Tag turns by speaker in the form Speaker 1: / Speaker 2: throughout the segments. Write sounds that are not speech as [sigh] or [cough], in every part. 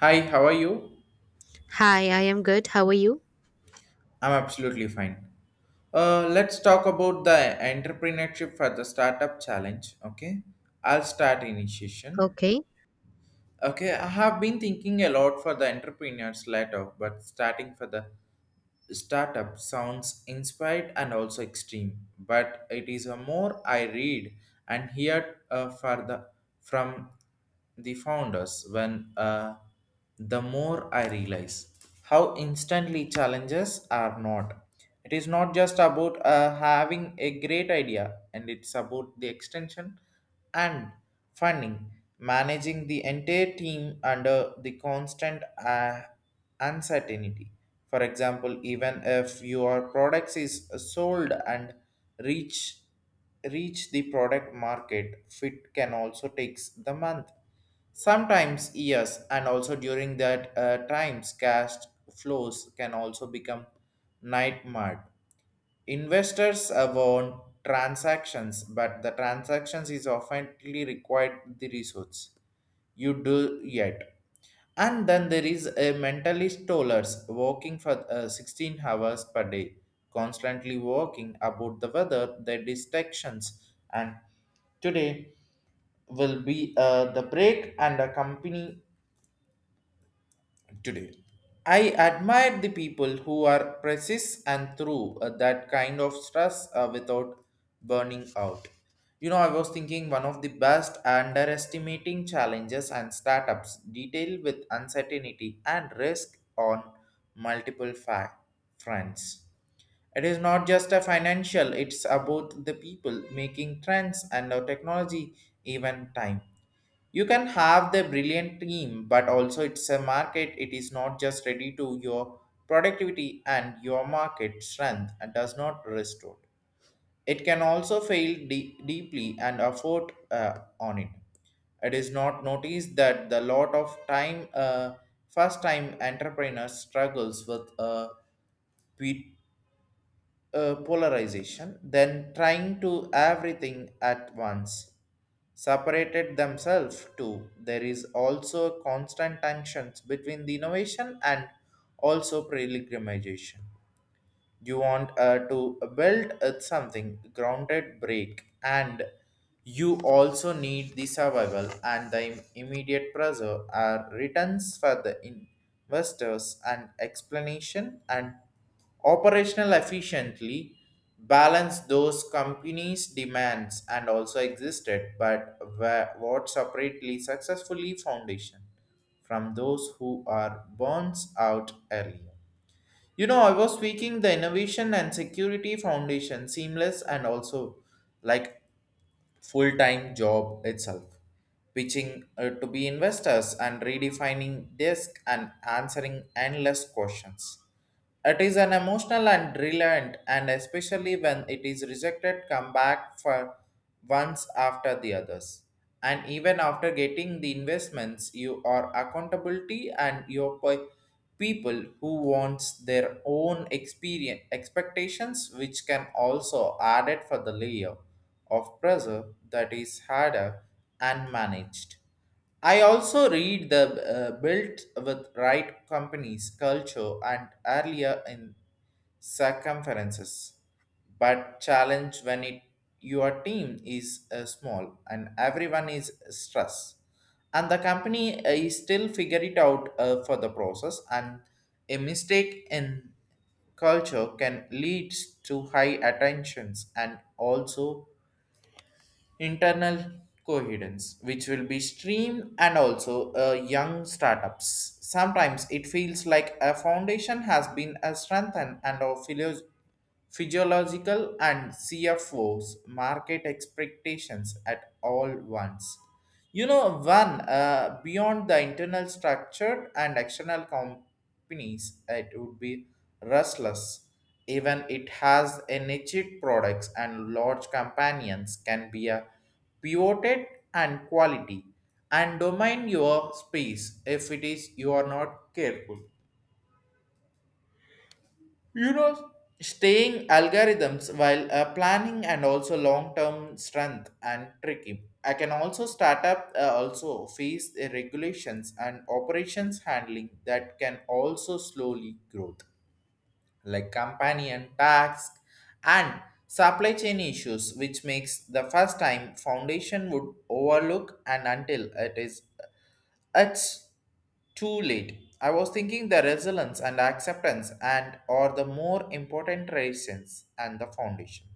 Speaker 1: Hi, how are you?
Speaker 2: Hi, I am good. How are you?
Speaker 1: I'm absolutely fine. Let's talk about the entrepreneurship for the startup challenge. Okay, I'll start initiation.
Speaker 2: Okay.
Speaker 1: Okay, I have been thinking a lot for the entrepreneurs later, but starting for the startup sounds inspired and also extreme, but it is a more I read and hear from the founders when the more I realize how instantly challenges are not. It is not just about having a great idea, and it's about the extension and funding, managing the entire team under the constant. Uncertainty. For example, even if your products is sold and reach reach the product market, fit can also takes the month, sometimes years, and also during that times, cash flows can also become nightmare. Investors want transactions, but the transactions is often required the resource you do yet. And then there is a mentalist tollers working for 16 hours per day, constantly working about the weather, the distractions, and today will be the break and the company today. I admire the people who are precise and through that kind of stress without burning out. You know, I was thinking one of the best underestimating challenges and startups detail with uncertainty and risk on multiple fronts. It is not just a financial, it's about the people making trends and our technology even time. You can have the brilliant team, but also it's a market. It is not just ready to your productivity and your market strength and does not restore. It can also fail deeply and afford on it. It is not noticed that the lot of time first time entrepreneurs struggles with polarization, then trying to everything at once. Separated themselves too. There is also constant tensions between the innovation and also pilgrimization. You want to build something grounded break, and you also need the survival and the immediate pressure are returns for the investors and explanation and operational efficiently balance those companies demands and also existed, but what separately successfully foundation from those who are burns out earlier. You know, I was tweaking the Innovation and Security Foundation seamless and also like full time job itself, pitching to be investors and redefining desk and answering endless questions. It is an emotional and brilliant, and especially when it is rejected, come back for once after the others. And even after getting the investments, you are accountability and your people who wants their own experience expectations, which can also add it for the layer of pressure that is harder and managed. I also read the built with right companies culture and earlier in circumferences, but challenge when it your team is small and everyone is stressed, and the company is still figure it out for the process, and a mistake in culture can lead to high attentions and also internal coherence which will be streamed and also young startups sometimes it feels like a foundation has been a strengthened and of physiological and cfos market expectations at all once. You know one beyond the internal structure and external companies it would be restless, even it has a niche products and large companions can be a pivoted and quality and domain your space if it is you are not careful. You know, staying algorithms while planning and also long-term strength and tricky. I can also start up also face the regulations and operations handling that can also slowly growth like companion tax and supply chain issues which makes the first time foundation would overlook and until it's too late. I was thinking the resilience and acceptance and or the more important reasons and the foundation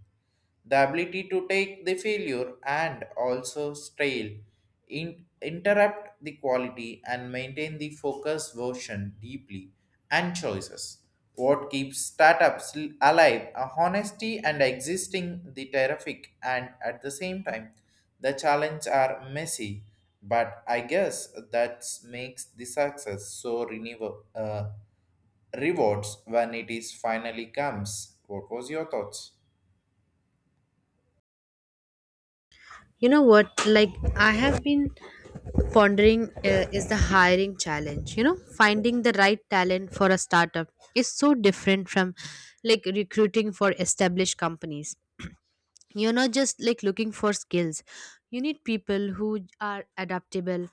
Speaker 1: the ability to take the failure and also strail, interrupt the quality and maintain the focus version deeply and choices. What keeps startups alive are honesty and existing the terrific, and at the same time the challenge are messy, but I guess that makes the success so renewable rewards when it is finally comes. What was your thoughts?
Speaker 2: You know what? I have been pondering is the hiring challenge. You know, finding the right talent for a startup is so different from like recruiting for established companies. [clears throat] You're not just like looking for skills. You need people who are adaptable,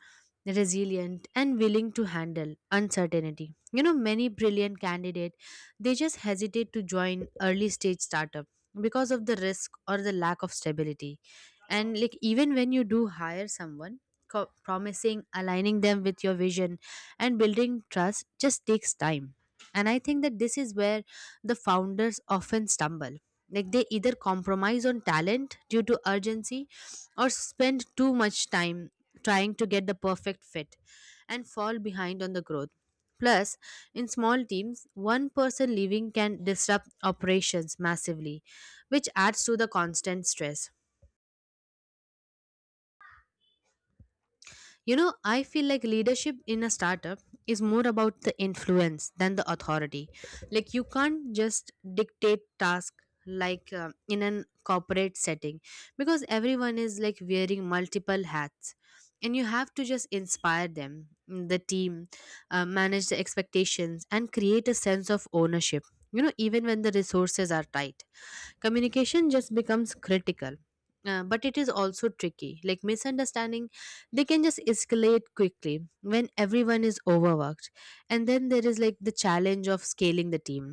Speaker 2: resilient, and willing to handle uncertainty. You know, many brilliant candidates, they just hesitate to join early stage startup because of the risk or the lack of stability. And like even when you do hire someone, promising, aligning them with your vision and building trust just takes time. And I think that this is where the founders often stumble, like they either compromise on talent due to urgency or spend too much time trying to get the perfect fit and fall behind on the growth. Plus, in small teams, one person leaving can disrupt operations massively, which adds to the constant stress. You know, I feel like leadership in a startup is more about the influence than the authority. Like you can't just dictate task like in an corporate setting, because everyone is like wearing multiple hats, and you have to just inspire them, the team, manage the expectations and create a sense of ownership. You know, even when the resources are tight, communication just becomes critical. But it is also tricky, like misunderstanding, they can just escalate quickly when everyone is overworked. And then there is like the challenge of scaling the team.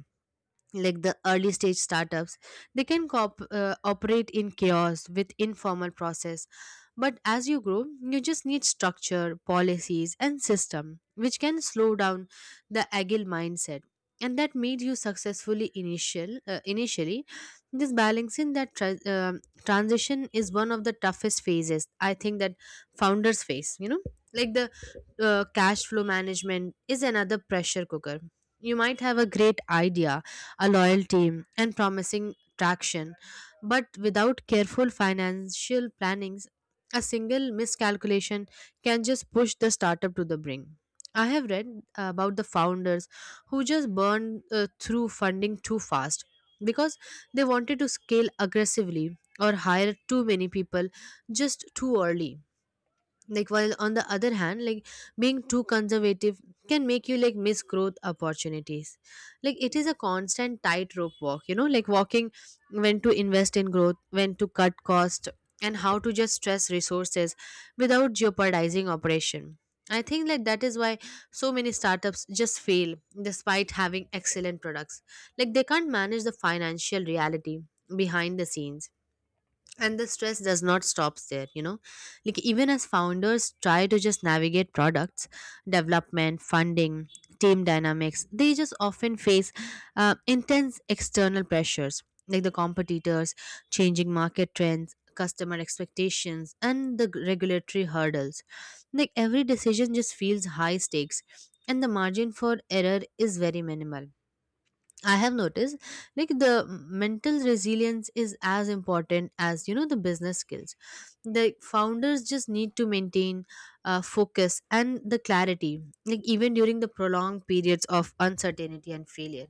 Speaker 2: Like the early stage startups, they can coop operate in chaos with informal process, but as you grow, you just need structure, policies, and system, which can slow down the agile mindset and that made you successfully initially this balancing, transition is one of the toughest phases, I think that founders face. You know, like the cash flow management is another pressure cooker. You might have a great idea, a loyal team, and promising traction. But without careful financial plannings, a single miscalculation can just push the startup to the brink. I have read about the founders who just burned through funding too fast, because they wanted to scale aggressively or hire too many people just too early. Like while on the other hand, like being too conservative can make you like miss growth opportunities. Like it is a constant tightrope walk, you know, like walking when to invest in growth, when to cut cost, and how to just stress resources without jeopardizing operation. I think like that is why so many startups just fail despite having excellent products, like they can't manage the financial reality behind the scenes. And the stress does not stop there. You know, like even as founders try to just navigate products, development, funding, team dynamics, they just often face intense external pressures, like the competitors, changing market trends, customer expectations, and the regulatory hurdles. Like every decision just feels high stakes and the margin for error is very minimal. I have noticed like the mental resilience is as important as, you know, the business skills. The founders just need to maintain focus and the clarity, like even during the prolonged periods of uncertainty and failure.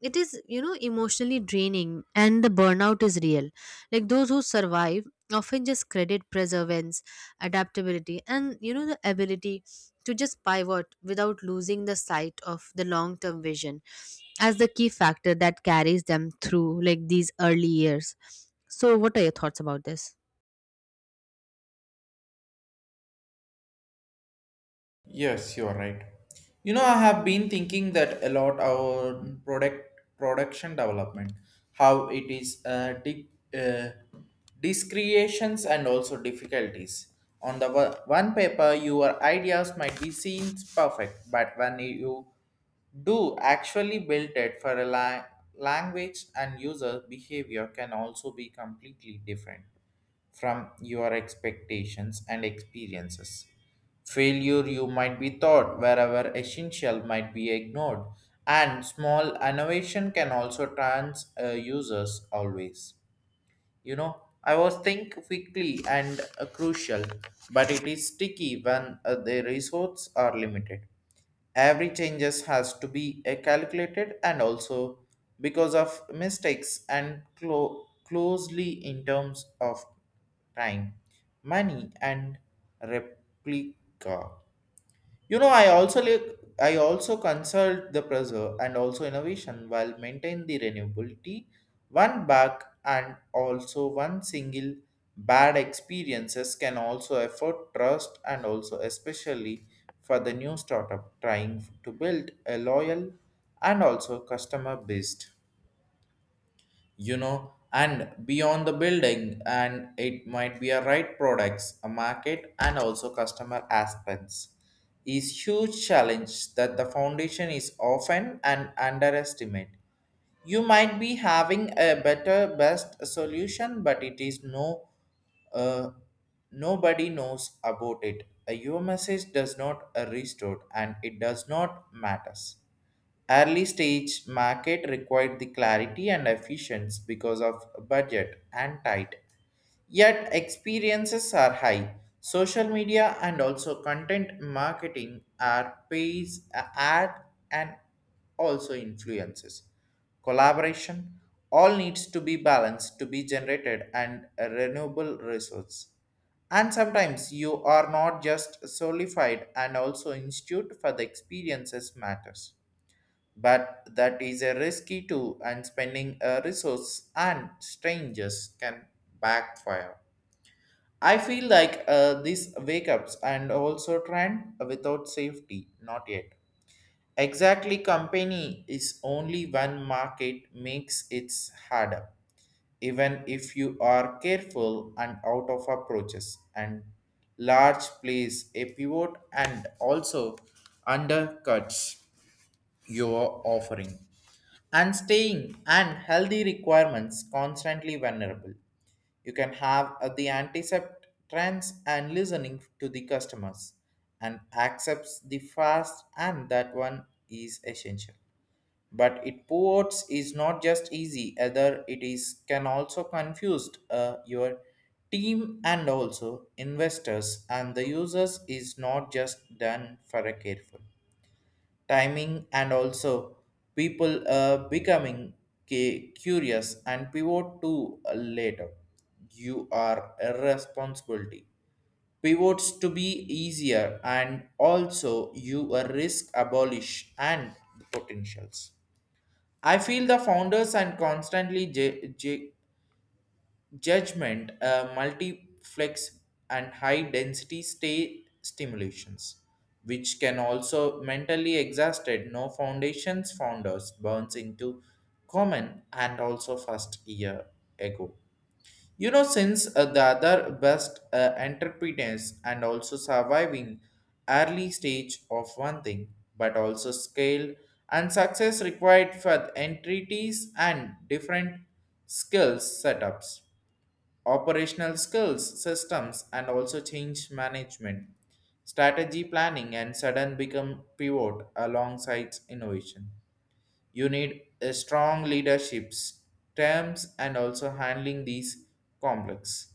Speaker 2: It is, you know, emotionally draining and the burnout is real. Like those who survive often just credit perseverance, adaptability, and, you know, the ability to just pivot without losing the sight of the long term vision as the key factor that carries them through like these early years. So what are your thoughts about this?
Speaker 1: Yes, you are right. You know, I have been thinking that a lot our product production development, how it is uh, discreations and also difficulties. On the one paper, your ideas might be seen perfect, but when you do actually build it for a language and user behavior can also be completely different from your expectations and experiences. Failure you might be thought wherever essential might be ignored, and small innovation can also trans users always. You know, I was think quickly and crucial, but it is sticky when the resources are limited. Every changes has to be calculated and also because of mistakes and closely in terms of time, money and replica. You know, I also consult the preserve and also innovation while maintain the renewability. One bug and also one single bad experiences can also afford trust and also especially for the new startup trying to build a loyal and also customer based. You know, and beyond the building and it might be a right products a market and also customer aspects is huge challenge that the foundation is often an underestimate. You might be having a better best solution but it is no uh, nobody knows about it. Your message does not restore and it does not matters. Early stage market required the clarity and efficiency because of budget and tight. Yet experiences are high. Social media and also content marketing are pays ad and also influences. Collaboration all needs to be balanced to be generated and a renewable resource. And sometimes you are not just solidified and also institute for the experiences matters, but that is a risky too and spending a resource and strangers can backfire. I feel like these wake ups and also trend without safety not yet exactly company is only one market makes it harder. Even if you are careful and out of approaches and large plays a pivot and also undercuts your offering, and staying and healthy requirements constantly vulnerable. You can have the anticept trends and listening to the customers and accepts the fast, and that one is essential, but it ports is not just easy either, it is can also confused your team and also investors and the users is not just done for a careful timing and also people becoming curious and pivot to later. You are a responsibility pivots to be easier and also you a risk abolish and the potentials. I feel the founders and constantly judgment, multiplex, and high density state stimulations, which can also mentally exhausted. No foundations founders burns into common and also first year ago. You know, since the other best entrepreneurs and also surviving early stage of one thing, but also scale and success required for entities and different skills setups operational skills, systems, and also change management, strategy planning, and sudden become pivot alongside innovation. You need a strong leaderships terms and also handling these complex.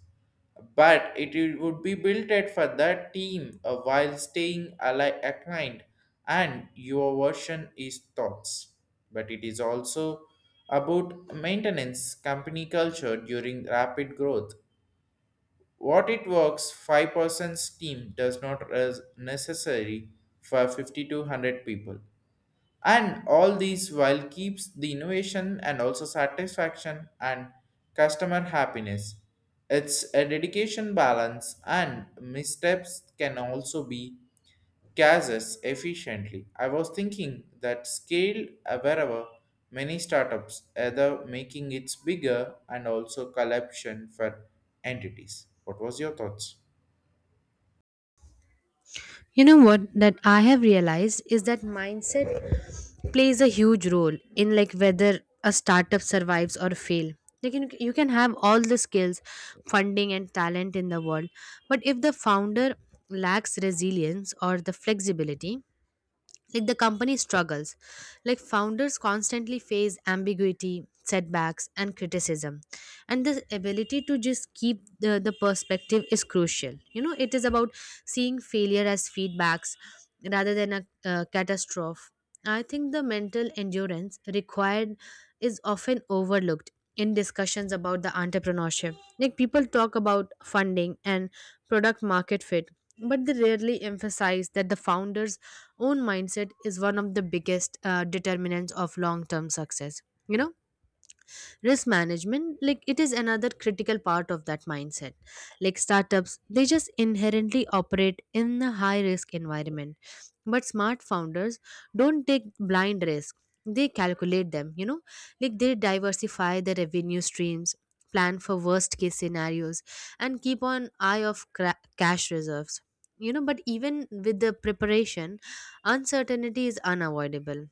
Speaker 1: But would be built at for that team while staying aligned and your version is thoughts. But it is also about maintenance company culture during rapid growth what it works, 5% team does not necessary for 50 to 100 people. And all these while keeps the innovation and also satisfaction and customer happiness. It's a dedication balance and missteps can also be cases efficiently. I was thinking that scale wherever many startups either making it bigger and also collection for entities. What was your thoughts?
Speaker 2: You know what that I have realized is that mindset plays a huge role in like whether a startup survives or fail. Like you can have all the skills, funding and talent in the world, but if the founder lacks resilience or the flexibility, like the company struggles. Like founders constantly face ambiguity, setbacks, and criticism, and this ability to just keep the perspective is crucial. You know, it is about seeing failure as feedbacks rather than a catastrophe. I think the mental endurance required is often overlooked in discussions about the entrepreneurship. Like people talk about funding and product market fit, but they rarely emphasize that the founders own mindset is one of the biggest determinants of long term success. You know, risk management, like it is another critical part of that mindset. Like startups, they just inherently operate in a high risk environment, but smart founders don't take blind risk. They calculate them, you know, like they diversify their revenue streams, plan for worst case scenarios, and keep an eye of cash reserves. You know, but even with the preparation, uncertainty is unavoidable.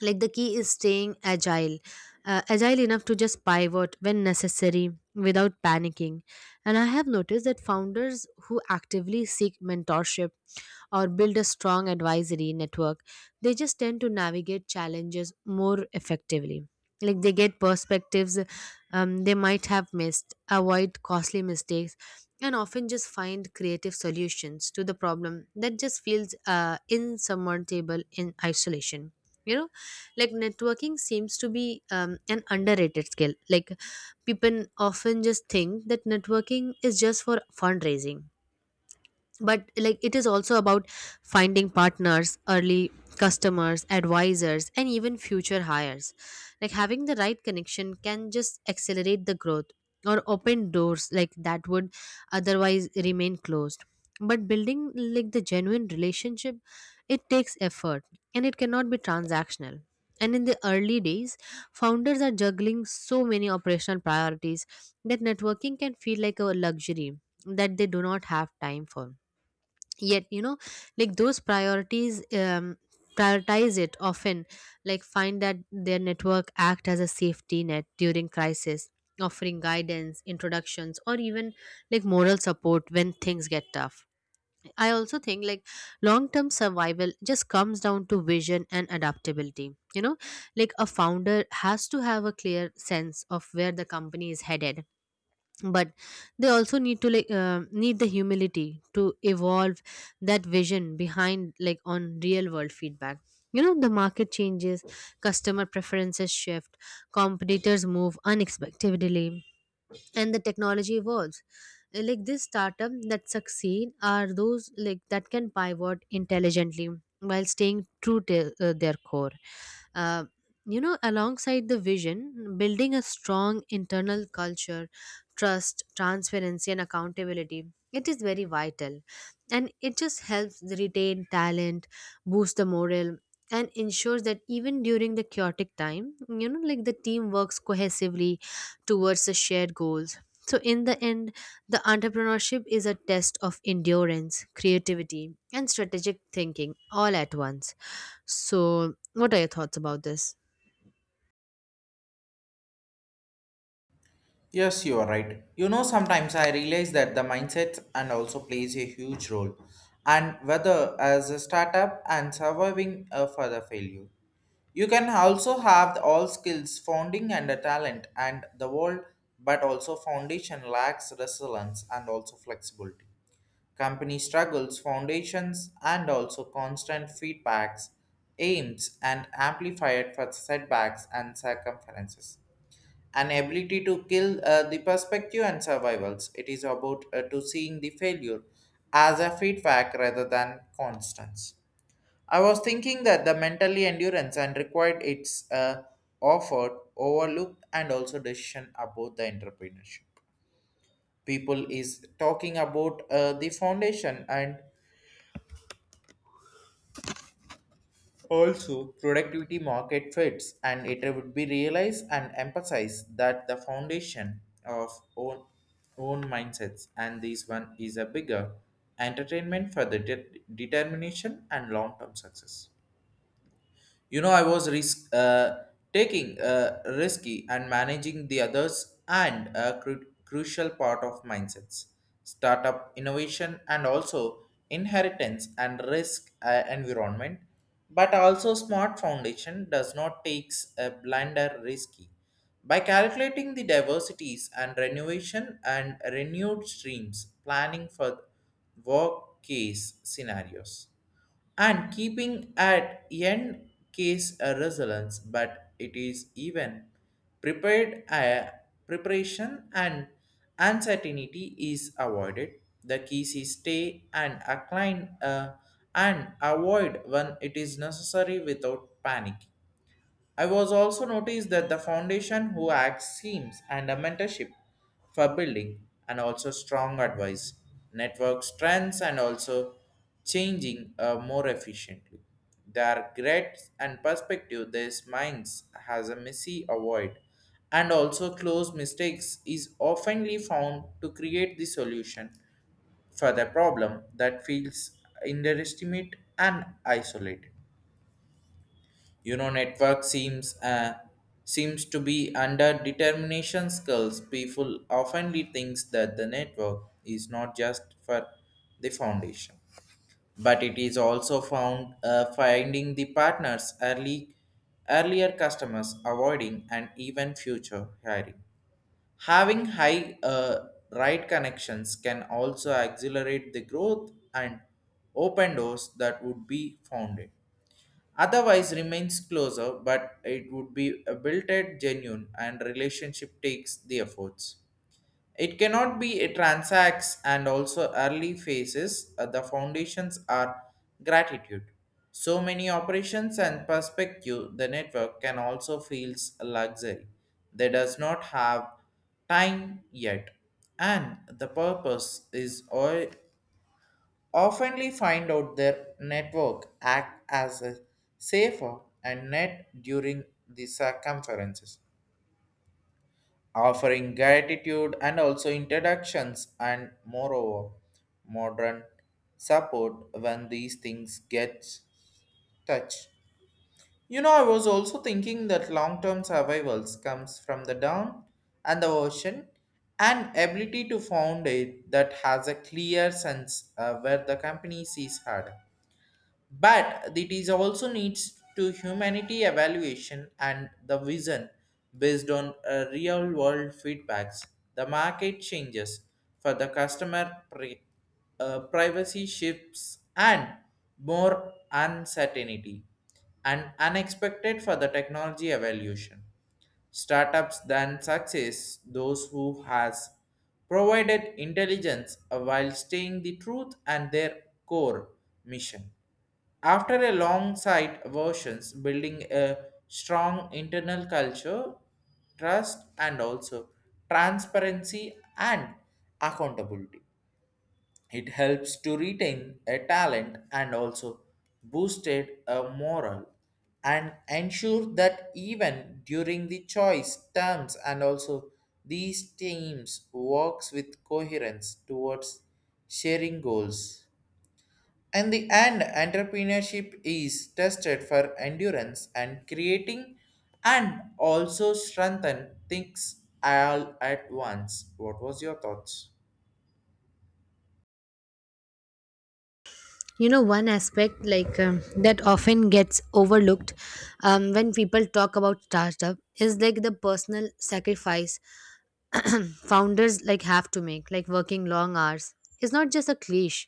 Speaker 2: Like the key is staying agile, agile enough to just pivot when necessary without panicking. And I have noticed that founders who actively seek mentorship or build a strong advisory network, they just tend to navigate challenges more effectively. Like they get perspectives, they might have missed, avoid costly mistakes, and often just find creative solutions to the problem that just feels insurmountable in isolation. You know, like networking seems to be, an underrated skill. Like people often just think that networking is just for fundraising, but like it is also about finding partners early, customers, advisors, and even future hires. Like having the right connection can just accelerate the growth or open doors like that would otherwise remain closed. But building like the genuine relationship, it takes effort and it cannot be transactional. And in the early days, founders are juggling so many operational priorities that networking can feel like a luxury that they do not have time for yet. You know, like those priorities, prioritize it often, like find that their network act as a safety net during crisis, offering guidance, introductions, or even like moral support when things get tough. I also think like long term survival just comes down to vision and adaptability. You know, like a founder has to have a clear sense of where the company is headed, but they also need to need the humility to evolve that vision behind like on real world feedback. You know, the market changes, customer preferences shift, competitors move unexpectedly, and the technology evolves. Like this startup that succeed are those like that can pivot intelligently while staying true to their core uh, you know, alongside the vision, building a strong internal culture, trust, transparency, and accountability. It is very vital and it just helps retain talent, boost the morale, and ensures that even during the chaotic time, you know, like the team works cohesively towards the shared goals. So, in the end, the entrepreneurship is a test of endurance, creativity, and strategic thinking all at once. So, what are your thoughts about this?
Speaker 1: Yes, you are right. You know, sometimes I realize that the mindset and also plays a huge role, and whether as a startup and surviving a further failure. You can also have the all skills, founding and a talent, and the world, but also foundation lacks resilience and also flexibility company struggles, foundations, and also constant feedbacks, aims, and amplified for setbacks and circumferences. An ability to kill the perspective and survivals. It is about to seeing the failure as a feedback rather than constants. I was thinking that the mentally endurance and required its offered, overlooked, and also decision about the entrepreneurship people is talking about the foundation and also, productivity market fits, and it would be realized and emphasized that the foundation of own, own mindsets, and this one is a bigger entertainment for the determination and long-term success. You know, I was risk, taking risky and managing the others and a crucial part of mindsets, startup innovation, and also inheritance and risk environment. But also, smart foundation does not takes a blinder risky. By calculating the diversities and renovation and renewed streams, planning for work case scenarios and keeping at end case a resilience, but it is even prepared, preparation and uncertainty is avoided. The keys is stay and incline, and avoid when it is necessary without panic. I was also noticed that the foundation who acts seems and a mentorship for building and also strong advice, network strengths and also changing more efficiently. Their great and perspective these minds has a messy avoid and also close mistakes is oftenly found to create the solution for the problem that feels underestimate and isolated. You know, network seems seems to be under determination skills. People oftenly thinks that the network is not just for the foundation, but it is also found, finding the partners, early earlier customers avoiding and even future hiring. Having high, right connections can also accelerate the growth and open doors that would be founded otherwise remains closer, but it would be a built at genuine and relationship takes the efforts. It cannot be a transacts and also early phases. The foundations are gratitude. So many operations and perspective, the network can also feels a luxury. They does not have time yet, and the purpose is all oftenly find out their network act as a safer and net during the circumferences, offering gratitude and also introductions and moreover modern support when these things get touched. You know, I was also thinking that long-term survivals comes from the down and the ocean and ability to found it that has a clear sense where the company sees harder. But it is also needs to humanity evaluation and the vision based on, real world feedbacks. The market changes for the privacy shifts and more uncertainty and unexpected for the technology evaluation. Startups than success those who has provided intelligence while staying the truth and their core mission. After a long site versions, building a strong internal culture, trust, and also transparency and accountability. It helps to retain a talent and also boosted a moral and ensure that even during the choice terms and also these teams works with coherence towards sharing goals. And the end, entrepreneurship is tested for endurance and creating and also strengthen things all at once. What was your thoughts?
Speaker 2: You know, one aspect like, that often gets overlooked, when people talk about startup is like the personal sacrifice. [clears throat] Founders like have to make like working long hours. It's not just a cliche,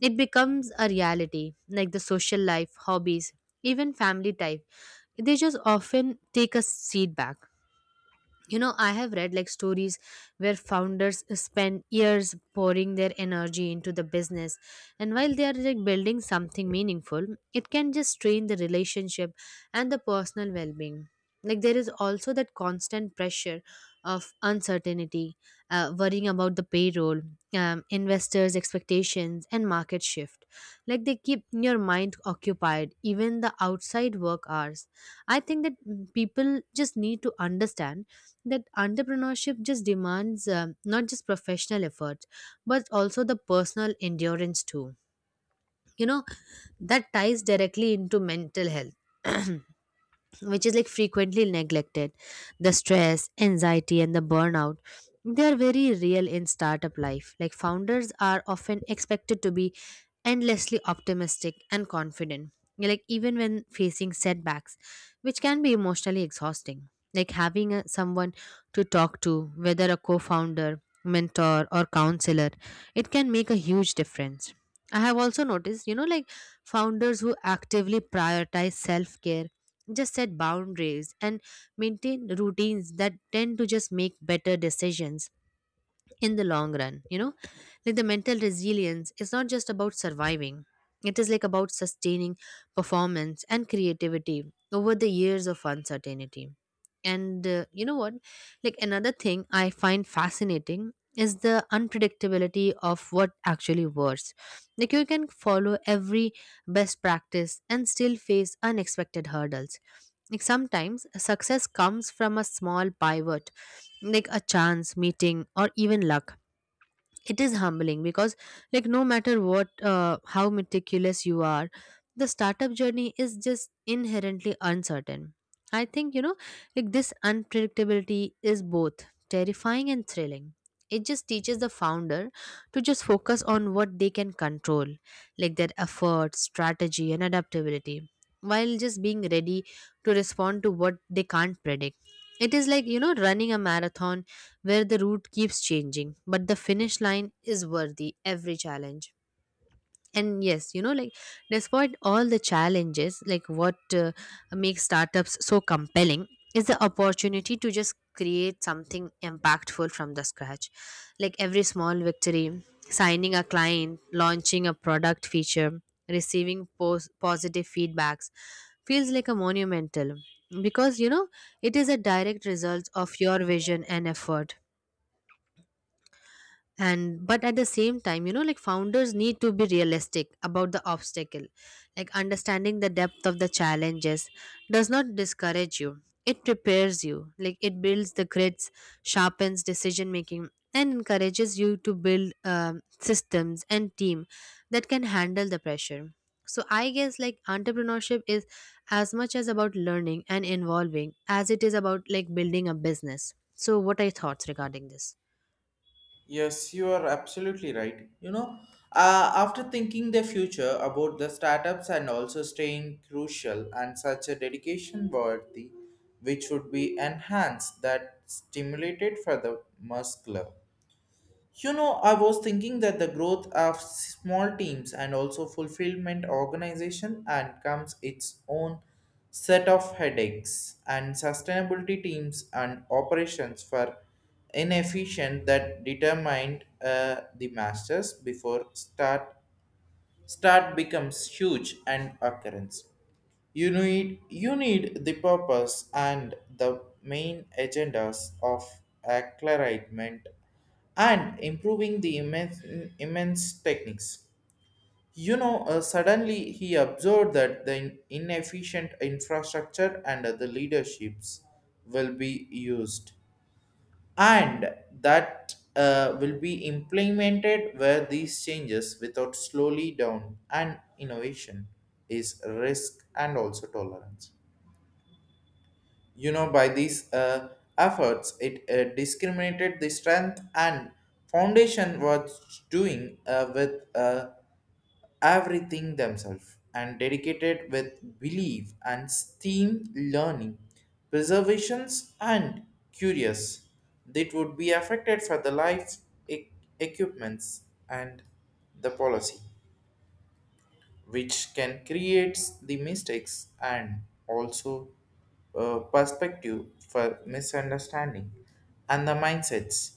Speaker 2: it becomes a reality. Like the social life, hobbies, even family type, they just often take a seat back. You know, I have read like stories where founders spend years pouring their energy into the business, and while they are like building something meaningful, it can just strain the relationship and the personal well-being. Like there is also that constant pressure of uncertainty, worrying about the payroll, investors expectations and market shift, like they keep your mind occupied even the outside work hours. I think that, people just need to understand that entrepreneurship just demands, not just professional effort, but also the personal endurance too. You know, that ties directly into mental health. [clears throat] Which is like frequently neglected. The stress, anxiety, and the burnout, they are very real in startup life. Like founders are often expected to be endlessly optimistic and confident, like even when facing setbacks, which can be emotionally exhausting. Like having someone to talk to, whether a co-founder, mentor, or counselor, it can make a huge difference. I have also noticed, you know, like founders who actively prioritize self-care, just set boundaries, and maintain routines that tend to just make better decisions in the long run. You know, like the mental resilience is not just about surviving, it is like about sustaining performance and creativity over the years of uncertainty. And you know what, like another thing I find fascinating is the unpredictability of what actually works. Like you can follow every best practice and still face unexpected hurdles. Like sometimes success comes from a small pivot, like a chance meeting or even luck. It is humbling because like no matter what how meticulous you are, the startup journey is just inherently uncertain. I think, you know, like this unpredictability is both terrifying and thrilling. It just teaches the founder to just focus on what they can control, like their effort, strategy, and adaptability, while just being ready to respond to what they can't predict. It is like, you know, running a marathon where the route keeps changing, but the finish line is worthy every challenge. And yes, you know, like despite all the challenges, like what makes startups so compelling is the opportunity to just create something impactful from the scratch. Like every small victory, signing a client, launching a product feature, receiving positive feedbacks feels like a monumental, because you know it is a direct result of your vision and effort. And but at the same time, you know, like founders need to be realistic about the obstacle. Like understanding the depth of the challenges does not discourage you, it prepares you. Like it builds the grids, sharpens decision making, and encourages you to build, systems and team that can handle the pressure. So I guess like entrepreneurship is as much as about learning and evolving as it is about like building a business. So what are your thoughts regarding this?
Speaker 1: Yes, you are absolutely right. You know, after thinking the future about the startups and also staying crucial and such a dedication worthy, which would be enhanced that stimulated for the muscular. You know, I was thinking that the growth of small teams and also fulfillment organization and comes its own set of headaches and sustainability teams and operations were inefficient that determined, the masters before start becomes huge and occurrence. You need the purpose and the main agendas of acclimatization and improving the immense techniques. You know, suddenly he observed that the inefficient infrastructure and the leaderships will be used, and that will be implemented where these changes without slowly down and innovation is risk and also tolerance. You know, by these, efforts it discriminated the strength and foundation was doing, with, everything themselves and dedicated with belief and steam learning, preservations and curious. That would be affected for the life e- equipments and the policy which can create the mistakes and also, perspective for misunderstanding and the mindsets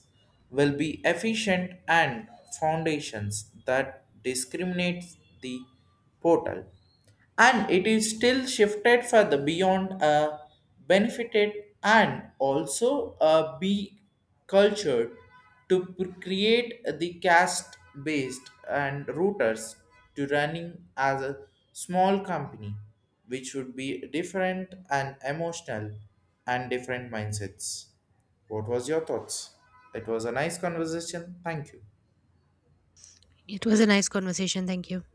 Speaker 1: will be efficient and foundations that discriminates the portal, and it is still shifted further beyond a benefited and also a be cultured to create the cast based and routers to running as a small company which would be different and emotional and different mindsets. What was your thoughts? It was a nice conversation, thank you.
Speaker 2: It was a nice conversation. Thank you.